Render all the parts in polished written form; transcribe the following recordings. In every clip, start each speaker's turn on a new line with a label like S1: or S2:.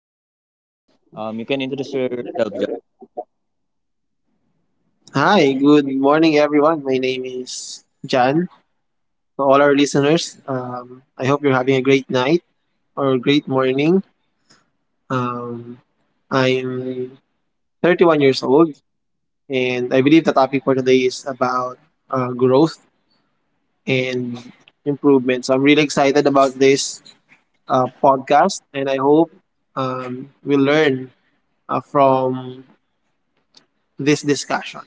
S1: It's John. You can introduce yourself, John.
S2: Hi, good morning, everyone. My name is Jan. To all our listeners, I hope you're having a great night or a great morning. Um, I'm 31 years old, and I believe the topic for today is about growth and improvement. So I'm really excited about this podcast, and I hope we learn from this discussion.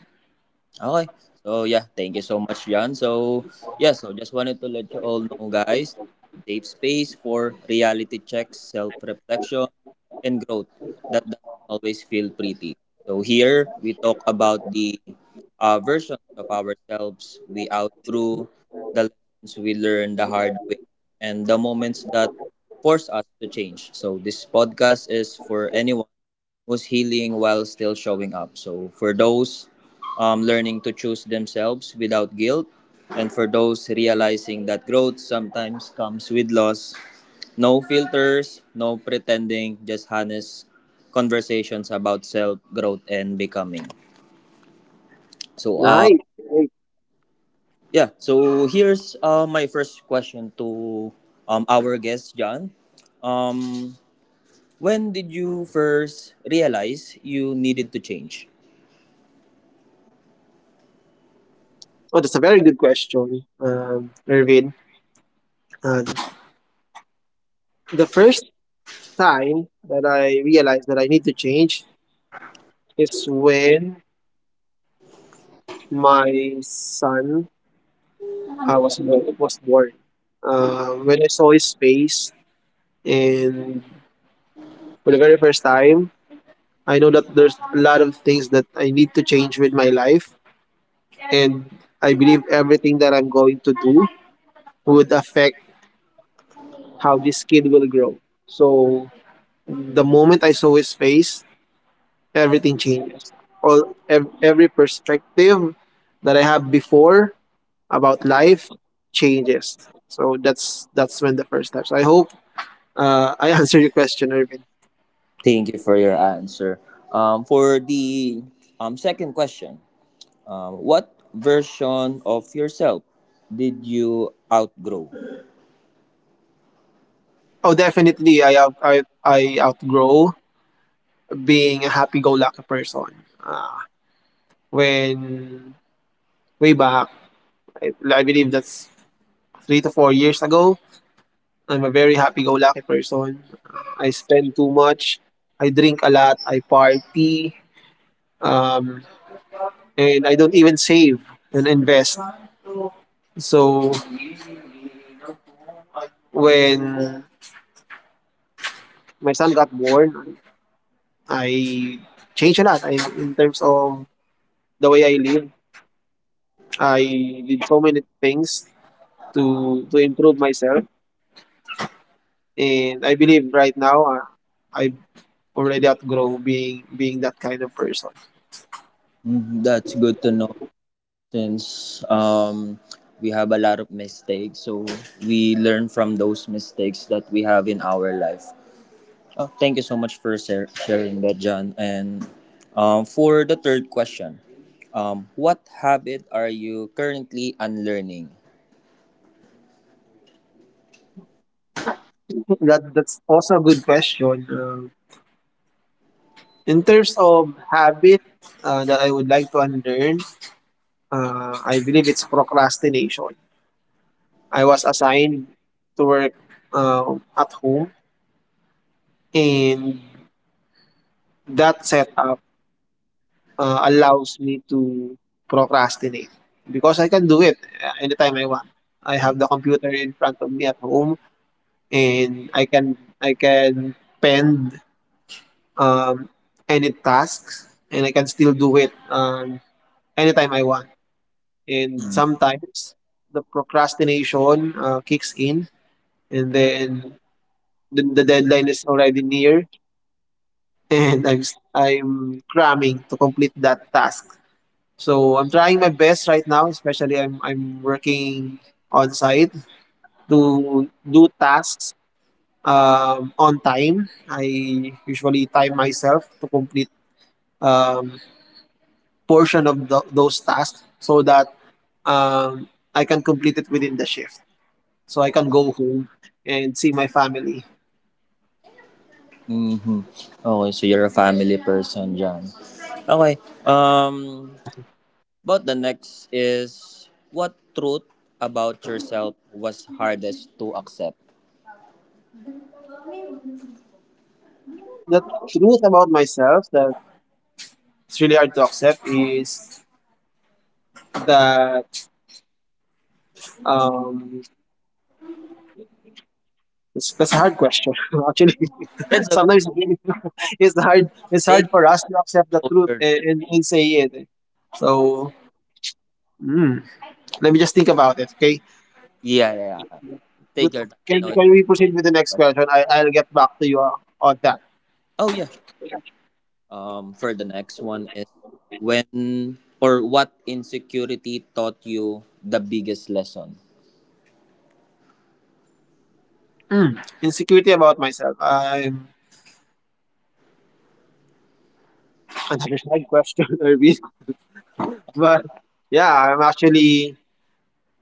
S1: Okay. Thank you so much, Jan. So just wanted to let you all know, guys, safe space for reality checks, self-reflection, and growth that doesn't always feel pretty. So here we talk about the versions of ourselves we outgrew, the lessons we learned the hard way, and the moments that force us to change. So this podcast is for anyone was healing while still showing up. So for those learning to choose themselves without guilt, and for those realizing that growth sometimes comes with loss, no filters, no pretending, just honest conversations about self growth and becoming. So uh
S2: Right. Right.
S1: yeah, so here's my first question to our guest John. Um when did you first realize you needed to change?
S2: Oh, that's a very good question, Irvin. Uh, the first time that I realized that I need to change is when my son was born. Was born. When I saw his face, and for the very first time, I know that there's a lot of things that I need to change with my life, and I believe everything that I'm going to do would affect how this kid will grow. So the moment I saw his face, everything changes. Every perspective that I have before about life changes. So that's when the first step. So I hope I answered your question, Irvin.
S1: Thank you for your answer. For the second question, what version of yourself did you outgrow?
S2: Oh, definitely. I outgrow being a happy-go-lucky person. Uh, when way back, I believe that's 3 to 4 years ago. I'm a very happy-go-lucky person. I spend too much. I drink a lot. I party. Um, and I don't even save and invest. So when my son got born, I changed a lot. I, in terms of the way I live, I did so many things to improve myself, and I believe right now I've already outgrown being that kind of person.
S1: Mm, that's good to know since we have a lot of mistakes. So we learn from those mistakes that we have in our life. Thank you so much for sharing that, John. And for the third question, what habit are you currently unlearning?
S2: That's also a good question. In terms of habit that I would like to unlearn, I believe it's procrastination. I was assigned to work at home, and that setup allows me to procrastinate because I can do it anytime I want. I have the computer in front of me at home, and I can pen um, any tasks, and I can still do it anytime I want. And
S1: Hmm.
S2: sometimes the procrastination kicks in, and then the deadline is already near, and I'm cramming to complete that task. So I'm trying my best right now, especially I'm working on site to do tasks on time. I usually time myself to complete um, portion of those tasks so that um, I can complete it within the shift. So I can go home and see my family.
S1: Mm-hmm. Okay, so you're a family person, John. Okay. Um,
S2: Yeah.
S1: about the next is what truth about yourself was hardest to accept?
S2: The truth about myself that it's really hard to accept is that um, it's, that's a hard question, actually.
S1: It's okay.
S2: Sometimes it really- it's hard. It's
S1: Take
S2: hard for us to accept the truth
S1: your
S2: and say it. Eh. So mm, let me just think about it. Okay.
S1: yeah, yeah, yeah. Take
S2: With-
S1: your time.
S2: Can,
S1: No, it's
S2: can we proceed with the next
S1: a question.
S2: question? I'll get back to you on that.
S1: Oh yeah, sure. For the next one is when or what insecurity taught you the biggest lesson?
S2: Mm, insecurity about myself. I'm another hard question, Irvin. But yeah, I'm actually.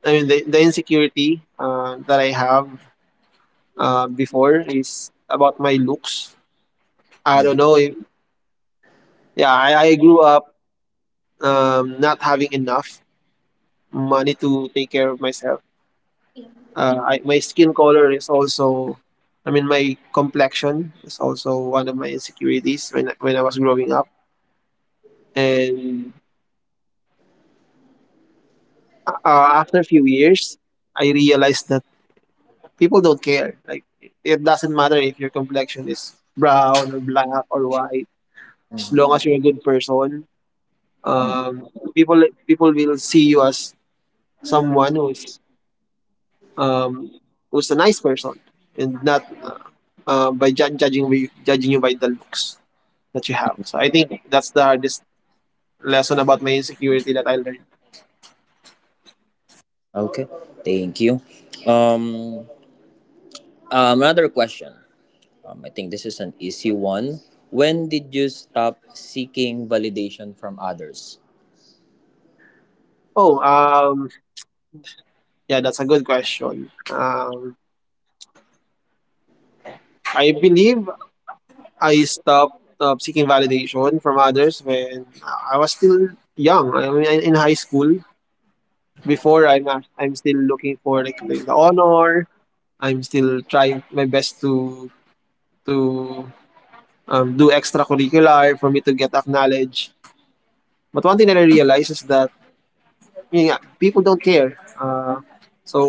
S2: I mean, the insecurity that I have before is about my looks. I
S1: Mhm.
S2: don't know if yeah, I grew up not having enough money to take care of myself. My skin color is also, I mean, my complexion is also one of my insecurities when I was growing up. And after a few years, I realized that people don't care. Like it doesn't matter if your complexion is brown or black or white, as
S1: Mhm.
S2: long as you're a good person.
S1: Mm.
S2: Um, people will see you as someone who's um, was a nice person and not by judging you by the looks that you have. So I think that's the hardest lesson about my insecurity that I learned.
S1: Okay. Thank you. Um, Another question. I think this is an easy one. When did you stop seeking validation from others?
S2: Oh, yeah, that's a good question. I believe I stopped seeking validation from others when I was still young. I mean, in high school. I'm still looking for like the honor. I'm still trying my best to do extracurricular for me to get acknowledged. But one thing that I realized is that yun nga, people don't care. So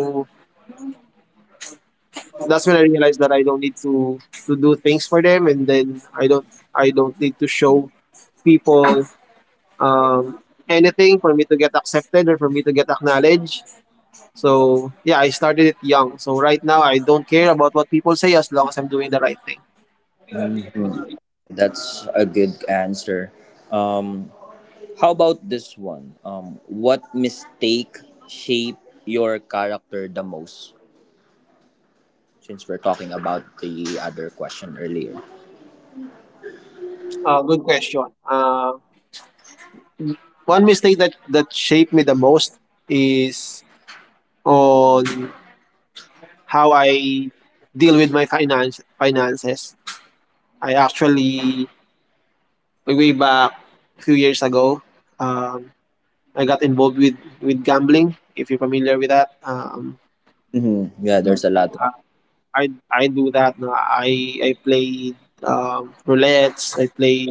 S2: that's when I realized that I don't need to do things for them, and then I don't need to show people um, anything for me to get accepted or for me to get acknowledged. So yeah, I started it young. So right now I don't care about what people say as long as I'm doing the right thing.
S1: Hmm. That's a good answer. Um, how about this one? What mistake shaped your character the most? Since we're talking about the other question earlier.
S2: Good question. One mistake that shaped me the most is on how I deal with my finances. I actually way back a few years ago, um, I got involved with gambling. If you're familiar with that,
S1: Hmm, yeah, there's a lot. Of,
S2: I do that. Na I played roulettes. I play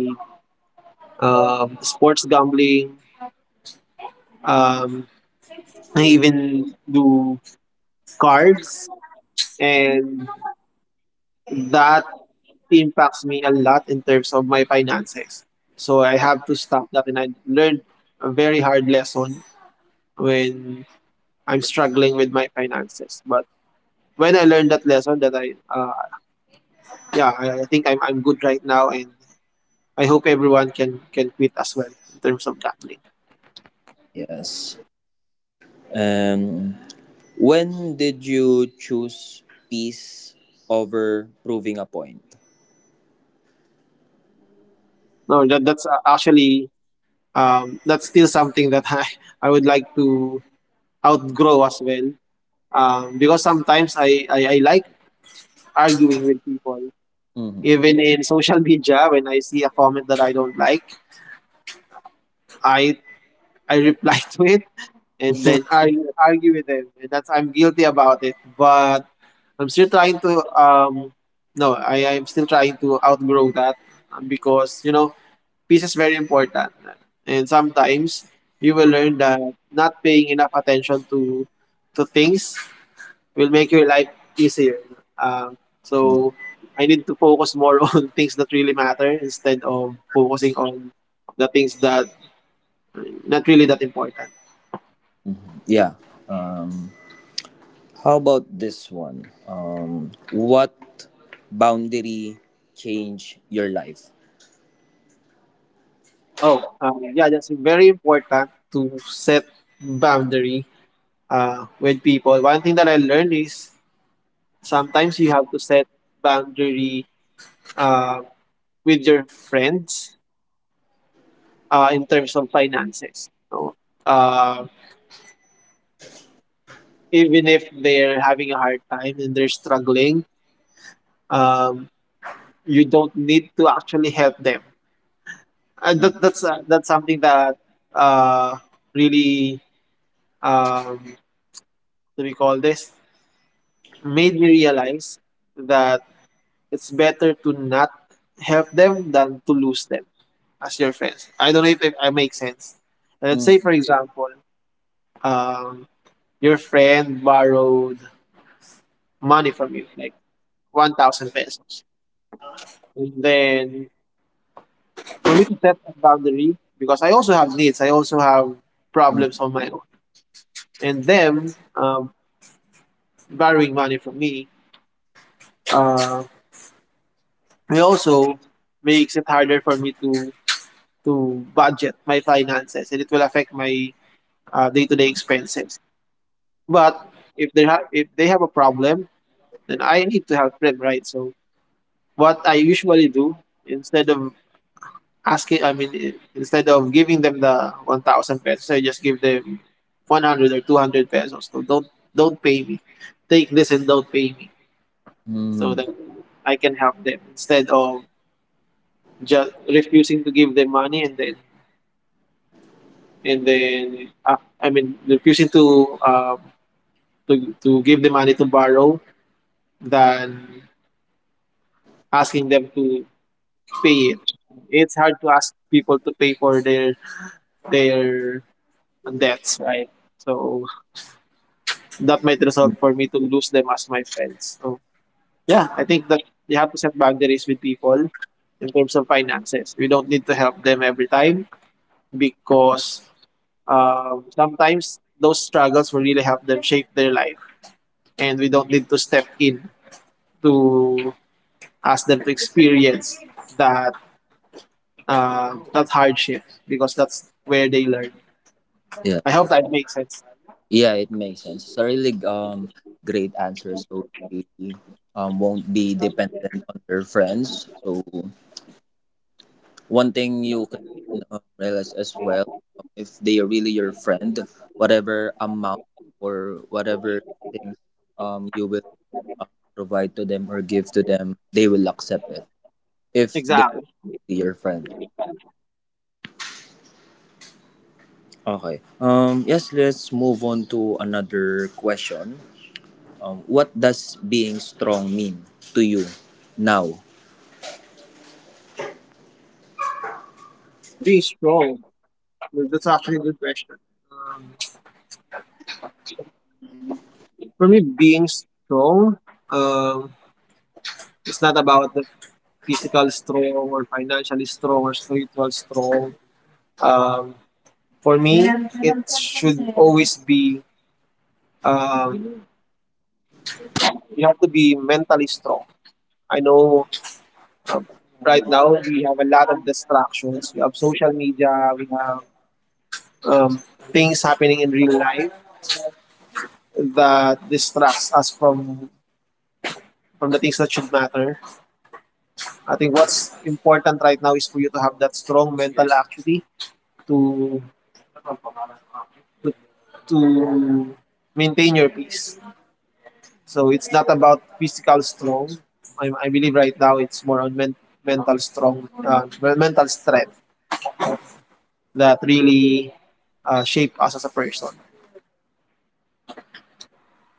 S2: sports gambling. Um, I even do cards, and that impacts me a lot in terms of my finances. So I have to stop that and I learned a very hard lesson when I'm struggling with my finances. But when I learned that lesson that I yeah, I think I'm good right now and I hope everyone can quit as well in terms of gambling.
S1: yes. Um, when did you choose peace over proving a point?
S2: No, that's actually that's still something that I would like to outgrow as well. Because sometimes I like arguing with people.
S1: Hmm.
S2: Even in social media, when I see a comment that I don't like, I I reply to it and then argue with them, and that's I'm guilty about it. But I'm still trying to no, I'm still trying to outgrow that because you know peace is very important, and sometimes you will learn that not paying enough attention to things will make your life easier. Um, so I need to focus more on things that really matter instead of focusing on the things that not really that important.
S1: Yeah. How about this one? What boundary change your life?
S2: Oh, yeah, that's very important to set boundary with people. One thing that I learned is sometimes you have to set boundary uh, with your friends in terms of finances. So, uh, even if they're having a hard time and they're struggling, um, you don't need to actually help them. And
S1: Mm,
S2: that's that's something that uh, really what do we call this made me realize that it's better to not help them than to lose them as your friends. I don't know if it, I make sense. Let's
S1: mm,
S2: say, for example, um, your friend borrowed money from you, like 1,000 pesos. And then for me to set a boundary because I also have needs. I also have problems on my own, and them borrowing money from me, uh, it also makes it harder for me to budget my finances, and it will affect my day-to-day expenses. But if they have a problem, then I need to help them, right? So what I usually do instead of asking I mean I- instead of giving them the 1000 pesos, I just give them 100 or 200 pesos. So don't pay me, take this and don't pay me, so
S1: mm,
S2: that I can help them instead of just refusing to give them money, and then refusing to to give the money to borrow, than asking them to pay it. It's hard to ask people to pay for their debts, right? So that might
S1: mm.
S2: result for me to lose them as my friends. So yeah, I think that you have to set boundaries with people in terms of finances. We don't need to help them every time because sometimes those struggles will really help them shape their life, and we don't need to step in to ask them to experience that that hardship because that's where they learn.
S1: Yeah,
S2: I hope that makes sense.
S1: yeah, it makes sense. It's a really great answer. So they won't be dependent on their friends. So one thing you can realize as well, if they are really your friend, whatever amount or whatever things you will uh, provide to them or give to them, they will accept it. If they
S2: Exactly.
S1: be your friend. Okay. Yes, let's move on to another question. What does being strong mean to you now?
S2: Oh, be strong. Well, that's actually a good question. Um, For me, being strong um, it's not about the physical strong or financially strong or spiritual strong. Um, for me, it should always be um, you have to be mentally strong. I know right now we have a lot of distractions. We have social media. We have um, things happening in real life that distracts us from the things that should matter. I think what's important right now is for you to have that strong mental acuity to to, to maintain your peace. So it's not about physical strong. I believe right now it's more on mental strong, mental strength that really shape us as a person.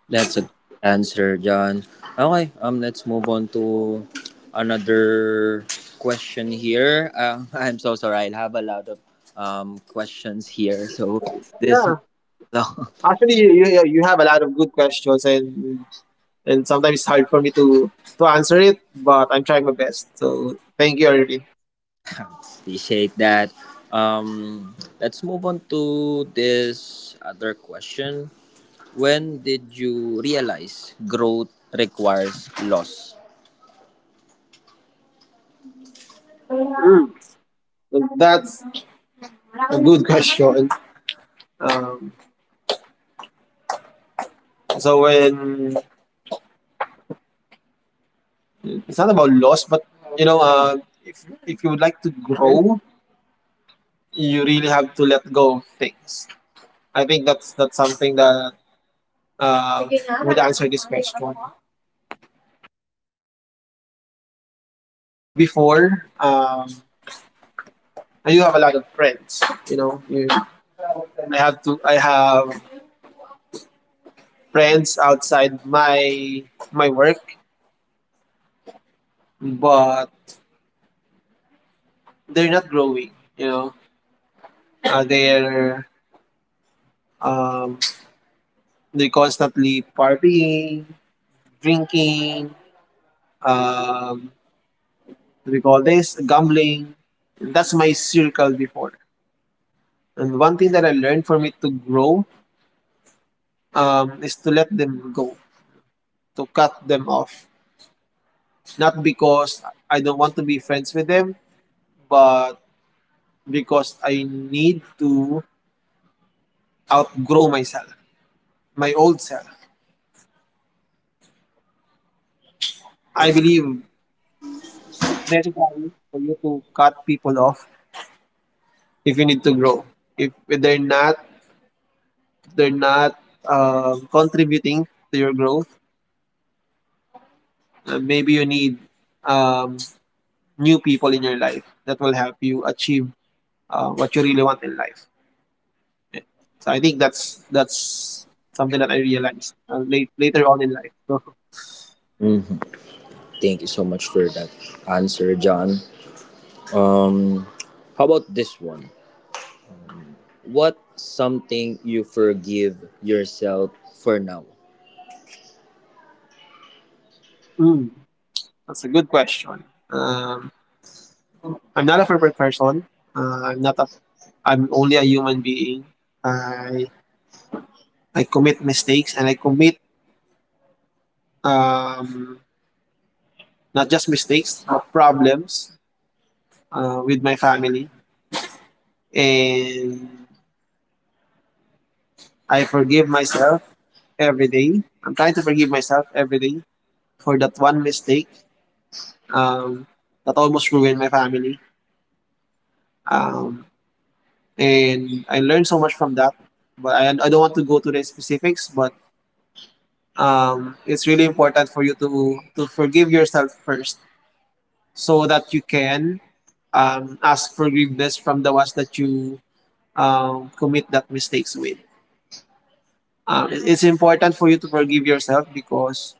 S1: That's a good answer, John. Okay, let's move on to another question here. I'm so sorry. I have a lot of questions here. So this
S2: Yeah,
S1: long.
S2: actually, you have a lot of good questions, and sometimes it's hard for me to answer it, but I'm trying my best. So thank you already.
S1: Appreciate that. Let's move on to this other question. When did you realize growth requires loss?
S2: Mm, that's a good question. Um, so when it's not about loss, but you know, uh, if you would like to grow, you really have to let go of things. I think that's something that uh, would answer this question. Before, I do have a lot of friends. You know, you, I have to. I have friends outside my work, but they're not growing. You know, uh, they're um, they're constantly partying, drinking, um, we call this gambling. That's my circle before. And one thing that I learned from it to grow, is to let them go, to cut them off. Not because I don't want to be friends with them, but because I need to outgrow myself, my old self. I believe it's necessary for you to cut people off if you need to grow. If they're not, they're not contributing to your growth. Maybe you need um, new people in your life that will help you achieve what you really want in life. So I think that's something that I realized late, later on in life. So,
S1: Thank you so much for that answer, John. How about this one? What something you forgive yourself for now?
S2: mm, that's a good question. Um, I'm not a perfect person. I'm not a. I'm only a human being. I I commit mistakes and I commit um, not just mistakes but problems with my family, and I forgive myself every day. I'm trying to forgive myself every day for that one mistake um, that almost ruined my family. Um, and I learned so much from that. But I don't want to go to the specifics, but it's really important for you to forgive yourself first so that you can ask forgiveness from the ones that you commit that mistakes with. It's important for you to forgive yourself because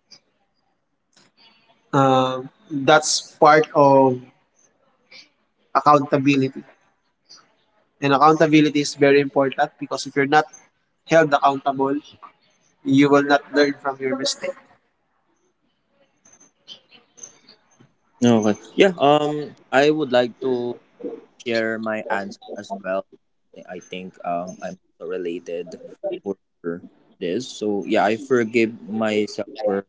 S2: that's part of accountability. And accountability is very important because if you're not held accountable, you will not learn from your mistake.
S1: Okay, yeah. I would like to share my answer as well. I think I'm also related for this. So yeah, I forgive myself for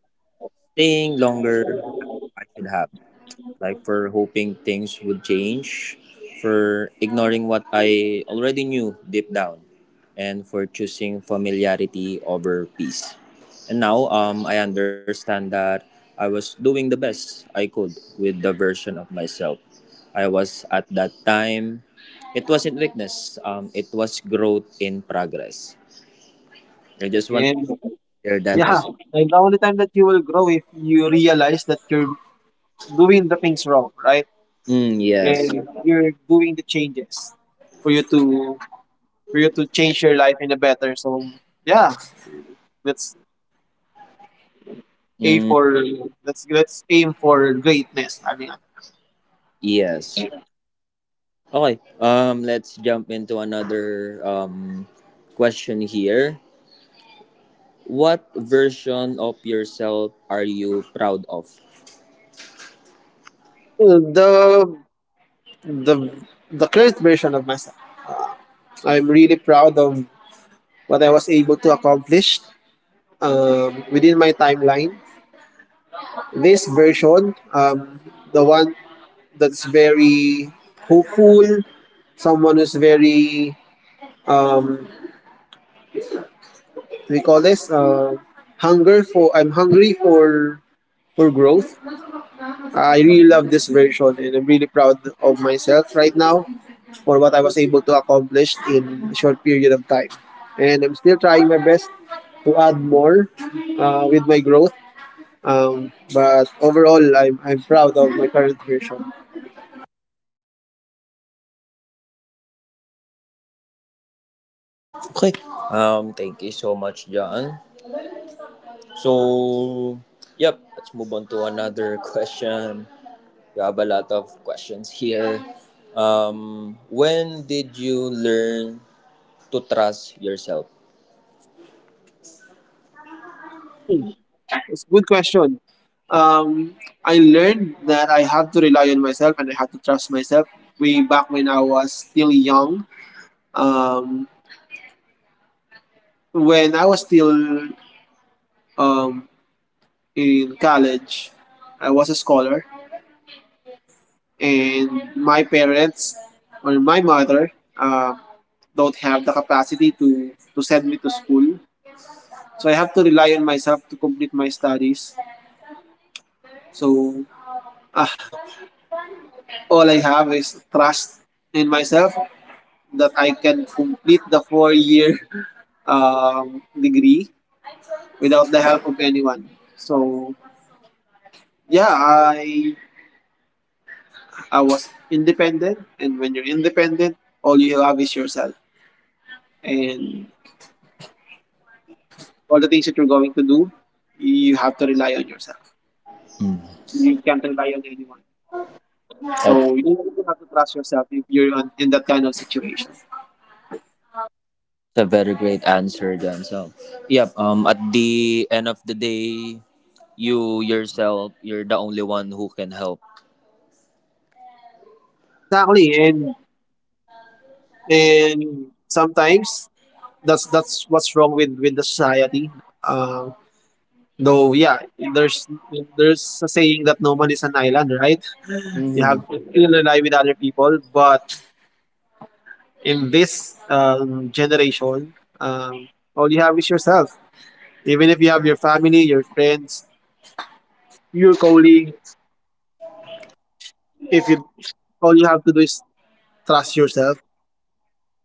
S1: staying longer than I should have, like for hoping things would change, for ignoring what I already knew deep down, and for choosing familiarity over peace. And now I understand that I was doing the best I could with the version of myself I was at that time. It wasn't weakness, it was growth in progress. I
S2: Correct.
S1: just want to
S2: And
S1: share that
S2: yeah,
S1: as
S2: and the only time that you will grow if you realize that you're doing the things wrong, right?
S1: mm, yes,
S2: And you're doing the changes for you to, for you to change your life in a better. So yeah, let's aim
S1: mm,
S2: for, let's aim for greatness. I mean,
S1: yes. Okay. Let's jump into another question here. What version of yourself are you proud of?
S2: the the the current version of myself. I'm really proud of what I was able to accomplish within my timeline. This version, the one that's very hopeful, someone who's very um, we call this hunger for. I'm hungry for growth. I really love this version, and I'm really proud of myself right now for what I was able to accomplish in a short period of time. And I'm still trying my best to add more with my growth. But overall, I'm proud of my current version.
S1: Okay. Thank you so much, John. So, yep. Let's move on to another question. We have a lot of questions here. When did you learn to trust yourself?
S2: It's a good question. Um, I learned that I have to rely on myself and I had to trust myself way back when I was still young. Um, when I was still um, in college, I was a scholar, and my parents or my mother uh, don't have the capacity to send me to school. So I have to rely on myself to complete my studies. So, ah, all I have is trust in myself that I can complete the four-year degree without the help of anyone. So yeah, I was independent, and when you're independent, all you have is yourself, and all the things that you're going to do, you have to rely on yourself.
S1: Hmm.
S2: You can't rely on anyone. So
S1: That
S2: you really have to trust yourself if you're on, in that kind of situation.
S1: it's a very great answer, John. So, yep. At the end of the day, you yourself, you're the only one who can help.
S2: Yeah, exactly, and sometimes that's what's wrong with the society. Um, though, yeah, there's there's a saying that no man is an island, right? You have to still rely with other people, but in this generation, um, all you have is yourself. Even if you have your family, your friends, your colleague, if you, all you have to do is trust yourself,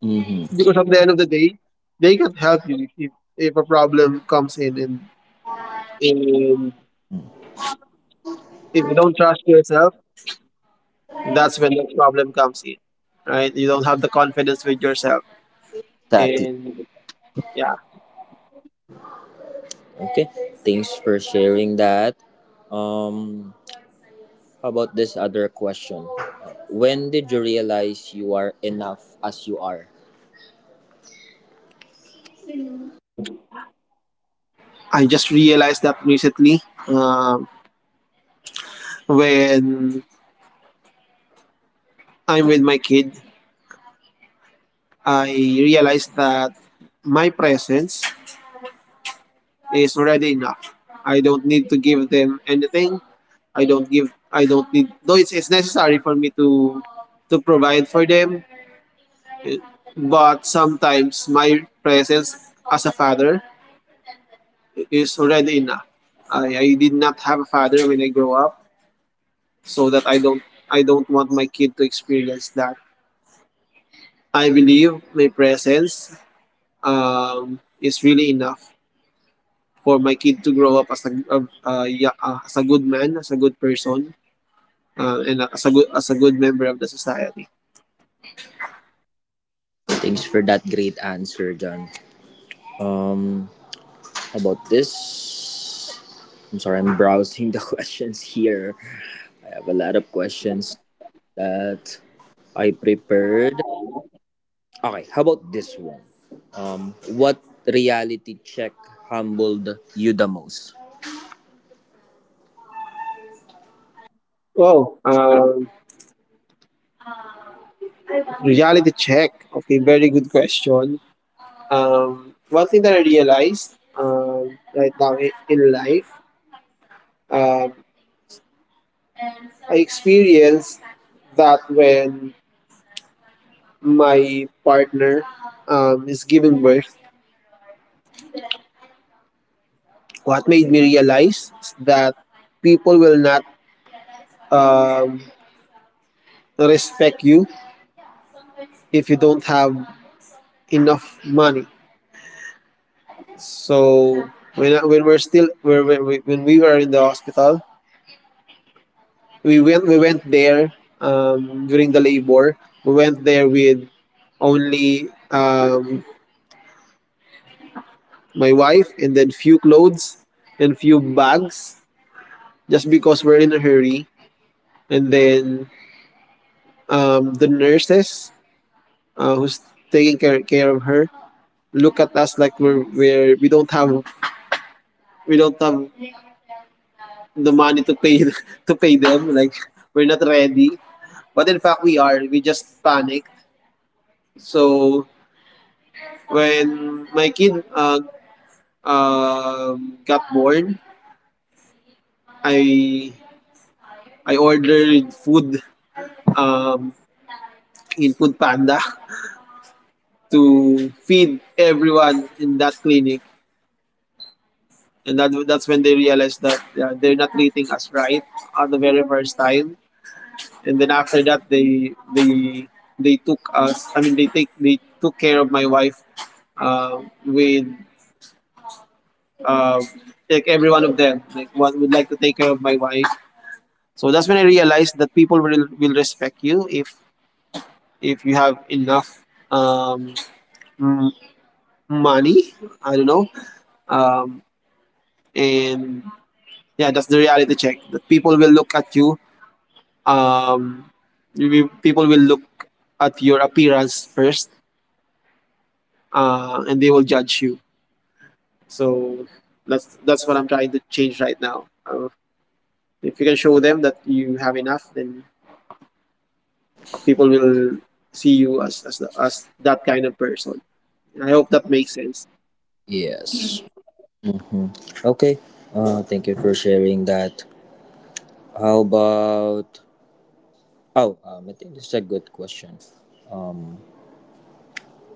S1: Mm-hmm.
S2: because at the end of the day, they can help you if a problem comes in. And if you don't trust yourself, that's when the problem comes in, right? You don't have the confidence with yourself,
S1: Exactly.
S2: and yeah.
S1: Okay. Thanks for sharing that. Um, how about this other question? When did you realize you are enough as you are?
S2: Mm. I just realized that recently um, when I'm with my kid. I realized that my presence is already enough. I don't need to give them anything. I don't give. I don't need. Though it's necessary for me to provide for them, eh, but sometimes my presence as a father is already enough. I did not have a father when I grow up, so that I don't, I don't want my kid to experience that. I believe my presence is really enough for my kid to grow up as a good man, as a good person, and as a good, as a good member of the society.
S1: Thanks for that great answer, John. Um, how about this? I'm sorry, I'm browsing the questions here. I have a lot of questions that I prepared. Okay, how about this one? What reality check humbled you the most?
S2: Oh, reality check. Okay, very good question. One thing that I realized right now in life um. I experienced that when my partner is giving birth. What made me realize is that people will not um, respect you if you don't have enough money. So when I- when we're still when we were in the hospital, we went there during the labor. We went there with only my wife and then few clothes and few bags just because we're in a hurry. And then the nurses who's taking care of her look at us like we don't have, we don't have the money to pay to pay them like we're not ready, but in fact we are, we just panic. So when my kid got born, i I ordered food um, in food panda to feed everyone in that clinic, and that's when they realize that yeah, they're not treating us right at the very first time. And then after that they took us, I mean they took care of my wife with uh, like every one of them like one would like to take care of my wife. So that's when I realized that people will respect you if you have enough um m- money, I don't know. um and yeah, that's the reality check, that people will look at you, um, people will look at your appearance first, and they will judge you. So that's what I'm trying to change right now. If you can show them that you have enough, then people will see you as as that kind of person. I hope that makes sense.
S1: Yes. Okay. Thank you for sharing that. How about? Oh, I think this is a good question.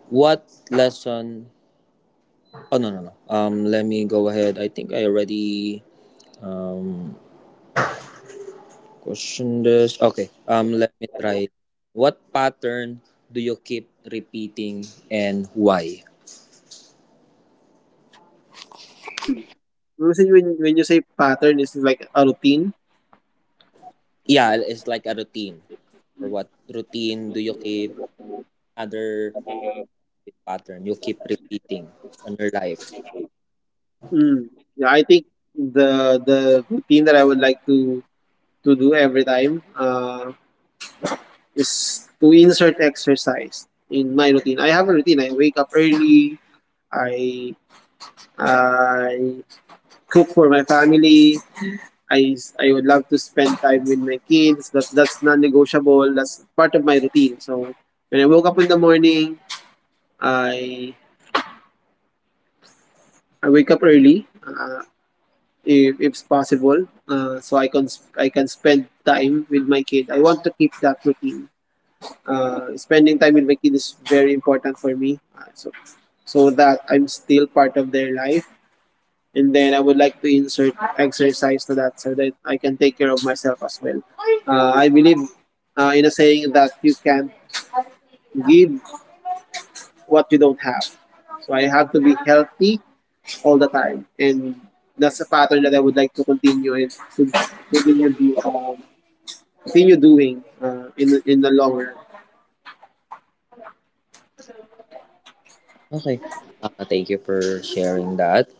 S1: What lesson? Oh no no no. Let me go ahead. I think I already questioned this. Okay. Let me try. What pattern do you keep repeating and why?
S2: Mm. When you say pattern, this is like a routine?
S1: Yeah, it's like a routine. Or what routine do you keep? Other pattern you keep repeating on your life.
S2: Mm. Yeah, I think the routine that I would like to do every time. Is to insert exercise in my routine. I have a routine. I wake up early. I I cook for my family. I would love to spend time with my kids. That's non-negotiable. That's part of my routine. So when I woke up in the morning, I I wake up early. If it's possible, so I can I can spend time with my kid. I want to keep that routine. Uh, spending time with my kid is very important for me. So, so that I'm still part of their life. And then I would like to insert exercise to that so that I can take care of myself as well. I believe in a saying that you can give what you don't have. So I have to be healthy all the time. And that's a pattern that I would like to continue and to continue, do, um, continue doing in the long run.
S1: Okay. Thank you for sharing that.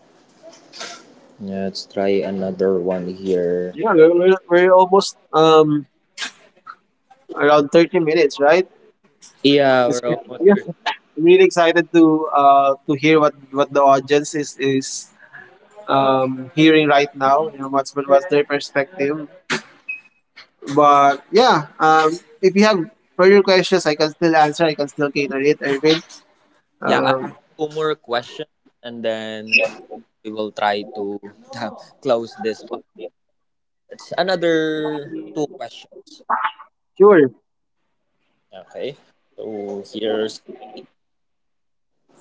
S1: Let's try another one here.
S2: Yeah, we're almost around 30 minutes, right?
S1: Yeah,
S2: It's,
S1: we're almost
S2: yeah,
S1: 30.
S2: I'm really excited to hear what the audience is hearing right now. You know, what's what was their perspective? But yeah, if you have further questions, I can still answer. I can still cater it. Irvin,
S1: Yeah, I have
S2: um,
S1: two more questions and then we will try to close this part. It's another two questions.
S2: sure.
S1: Okay. So here's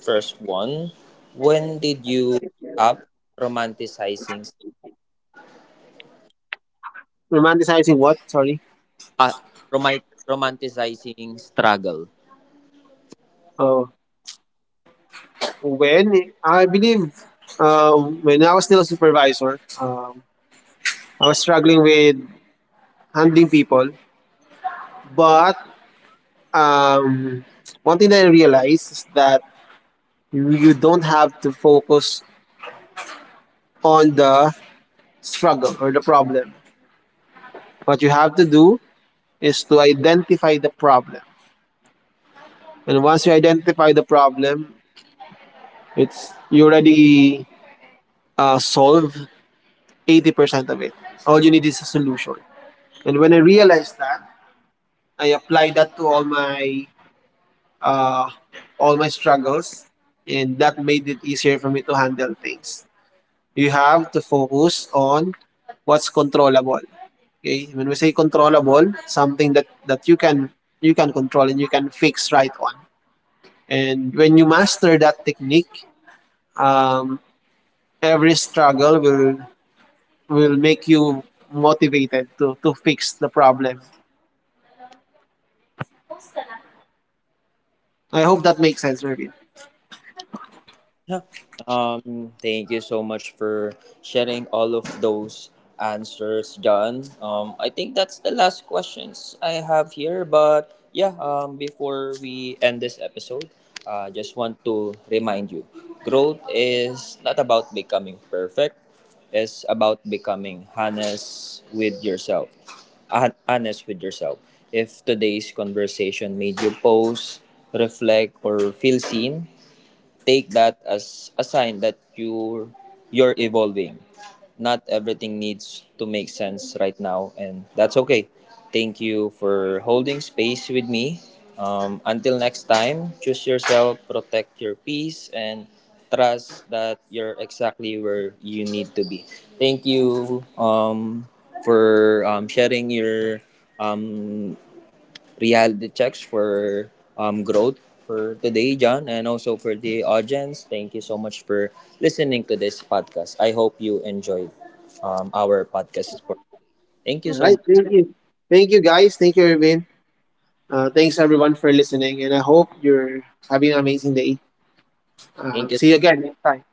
S1: first one. When did you stop romanticizing?
S2: Romanticizing what? Sorry.
S1: Ah, romanticizing struggle.
S2: Oh, when I believe when I was still a supervisor, I was struggling with handling people, but um, one thing that I realized is that you don't have to focus on the struggle or the problem. What you have to do is to identify the problem. And once you identify the problem, it's you already solve 80% of it. All you need is a solution. And when I realized that, I applied that to uh, all my struggles, and that made it easier for me to handle things. You have to focus on what's controllable. Okay, when we say controllable, something that you can, you can control and you can fix right on. And when you master that technique, um, every struggle will make you motivated to fix the problem. I hope that makes sense, Irvin.
S1: Yeah. Thank you so much for sharing all of those answers, John. I think that's the last questions I have here. But yeah, before we end this episode, I just want to remind you growth is not about becoming perfect, it's about becoming honest with yourself. Honest with yourself. If today's conversation made you pause, reflect, or feel seen, take that as a sign that you're evolving. Not everything needs to make sense right now, and that's okay. Thank you for holding space with me. Until next time, choose yourself, protect your peace, and trust that you're exactly where you need to be. Thank you for sharing your um, reality checks for growth for today, John, and also for the audience. Thank you so much for listening to this podcast. I hope you enjoyed our podcast. Thank you
S2: All right,
S1: so much.
S2: thank you guys, thank you, Irvin. Thanks everyone for listening, and I hope you're having an amazing day.
S1: Thank you. So
S2: See you again next time.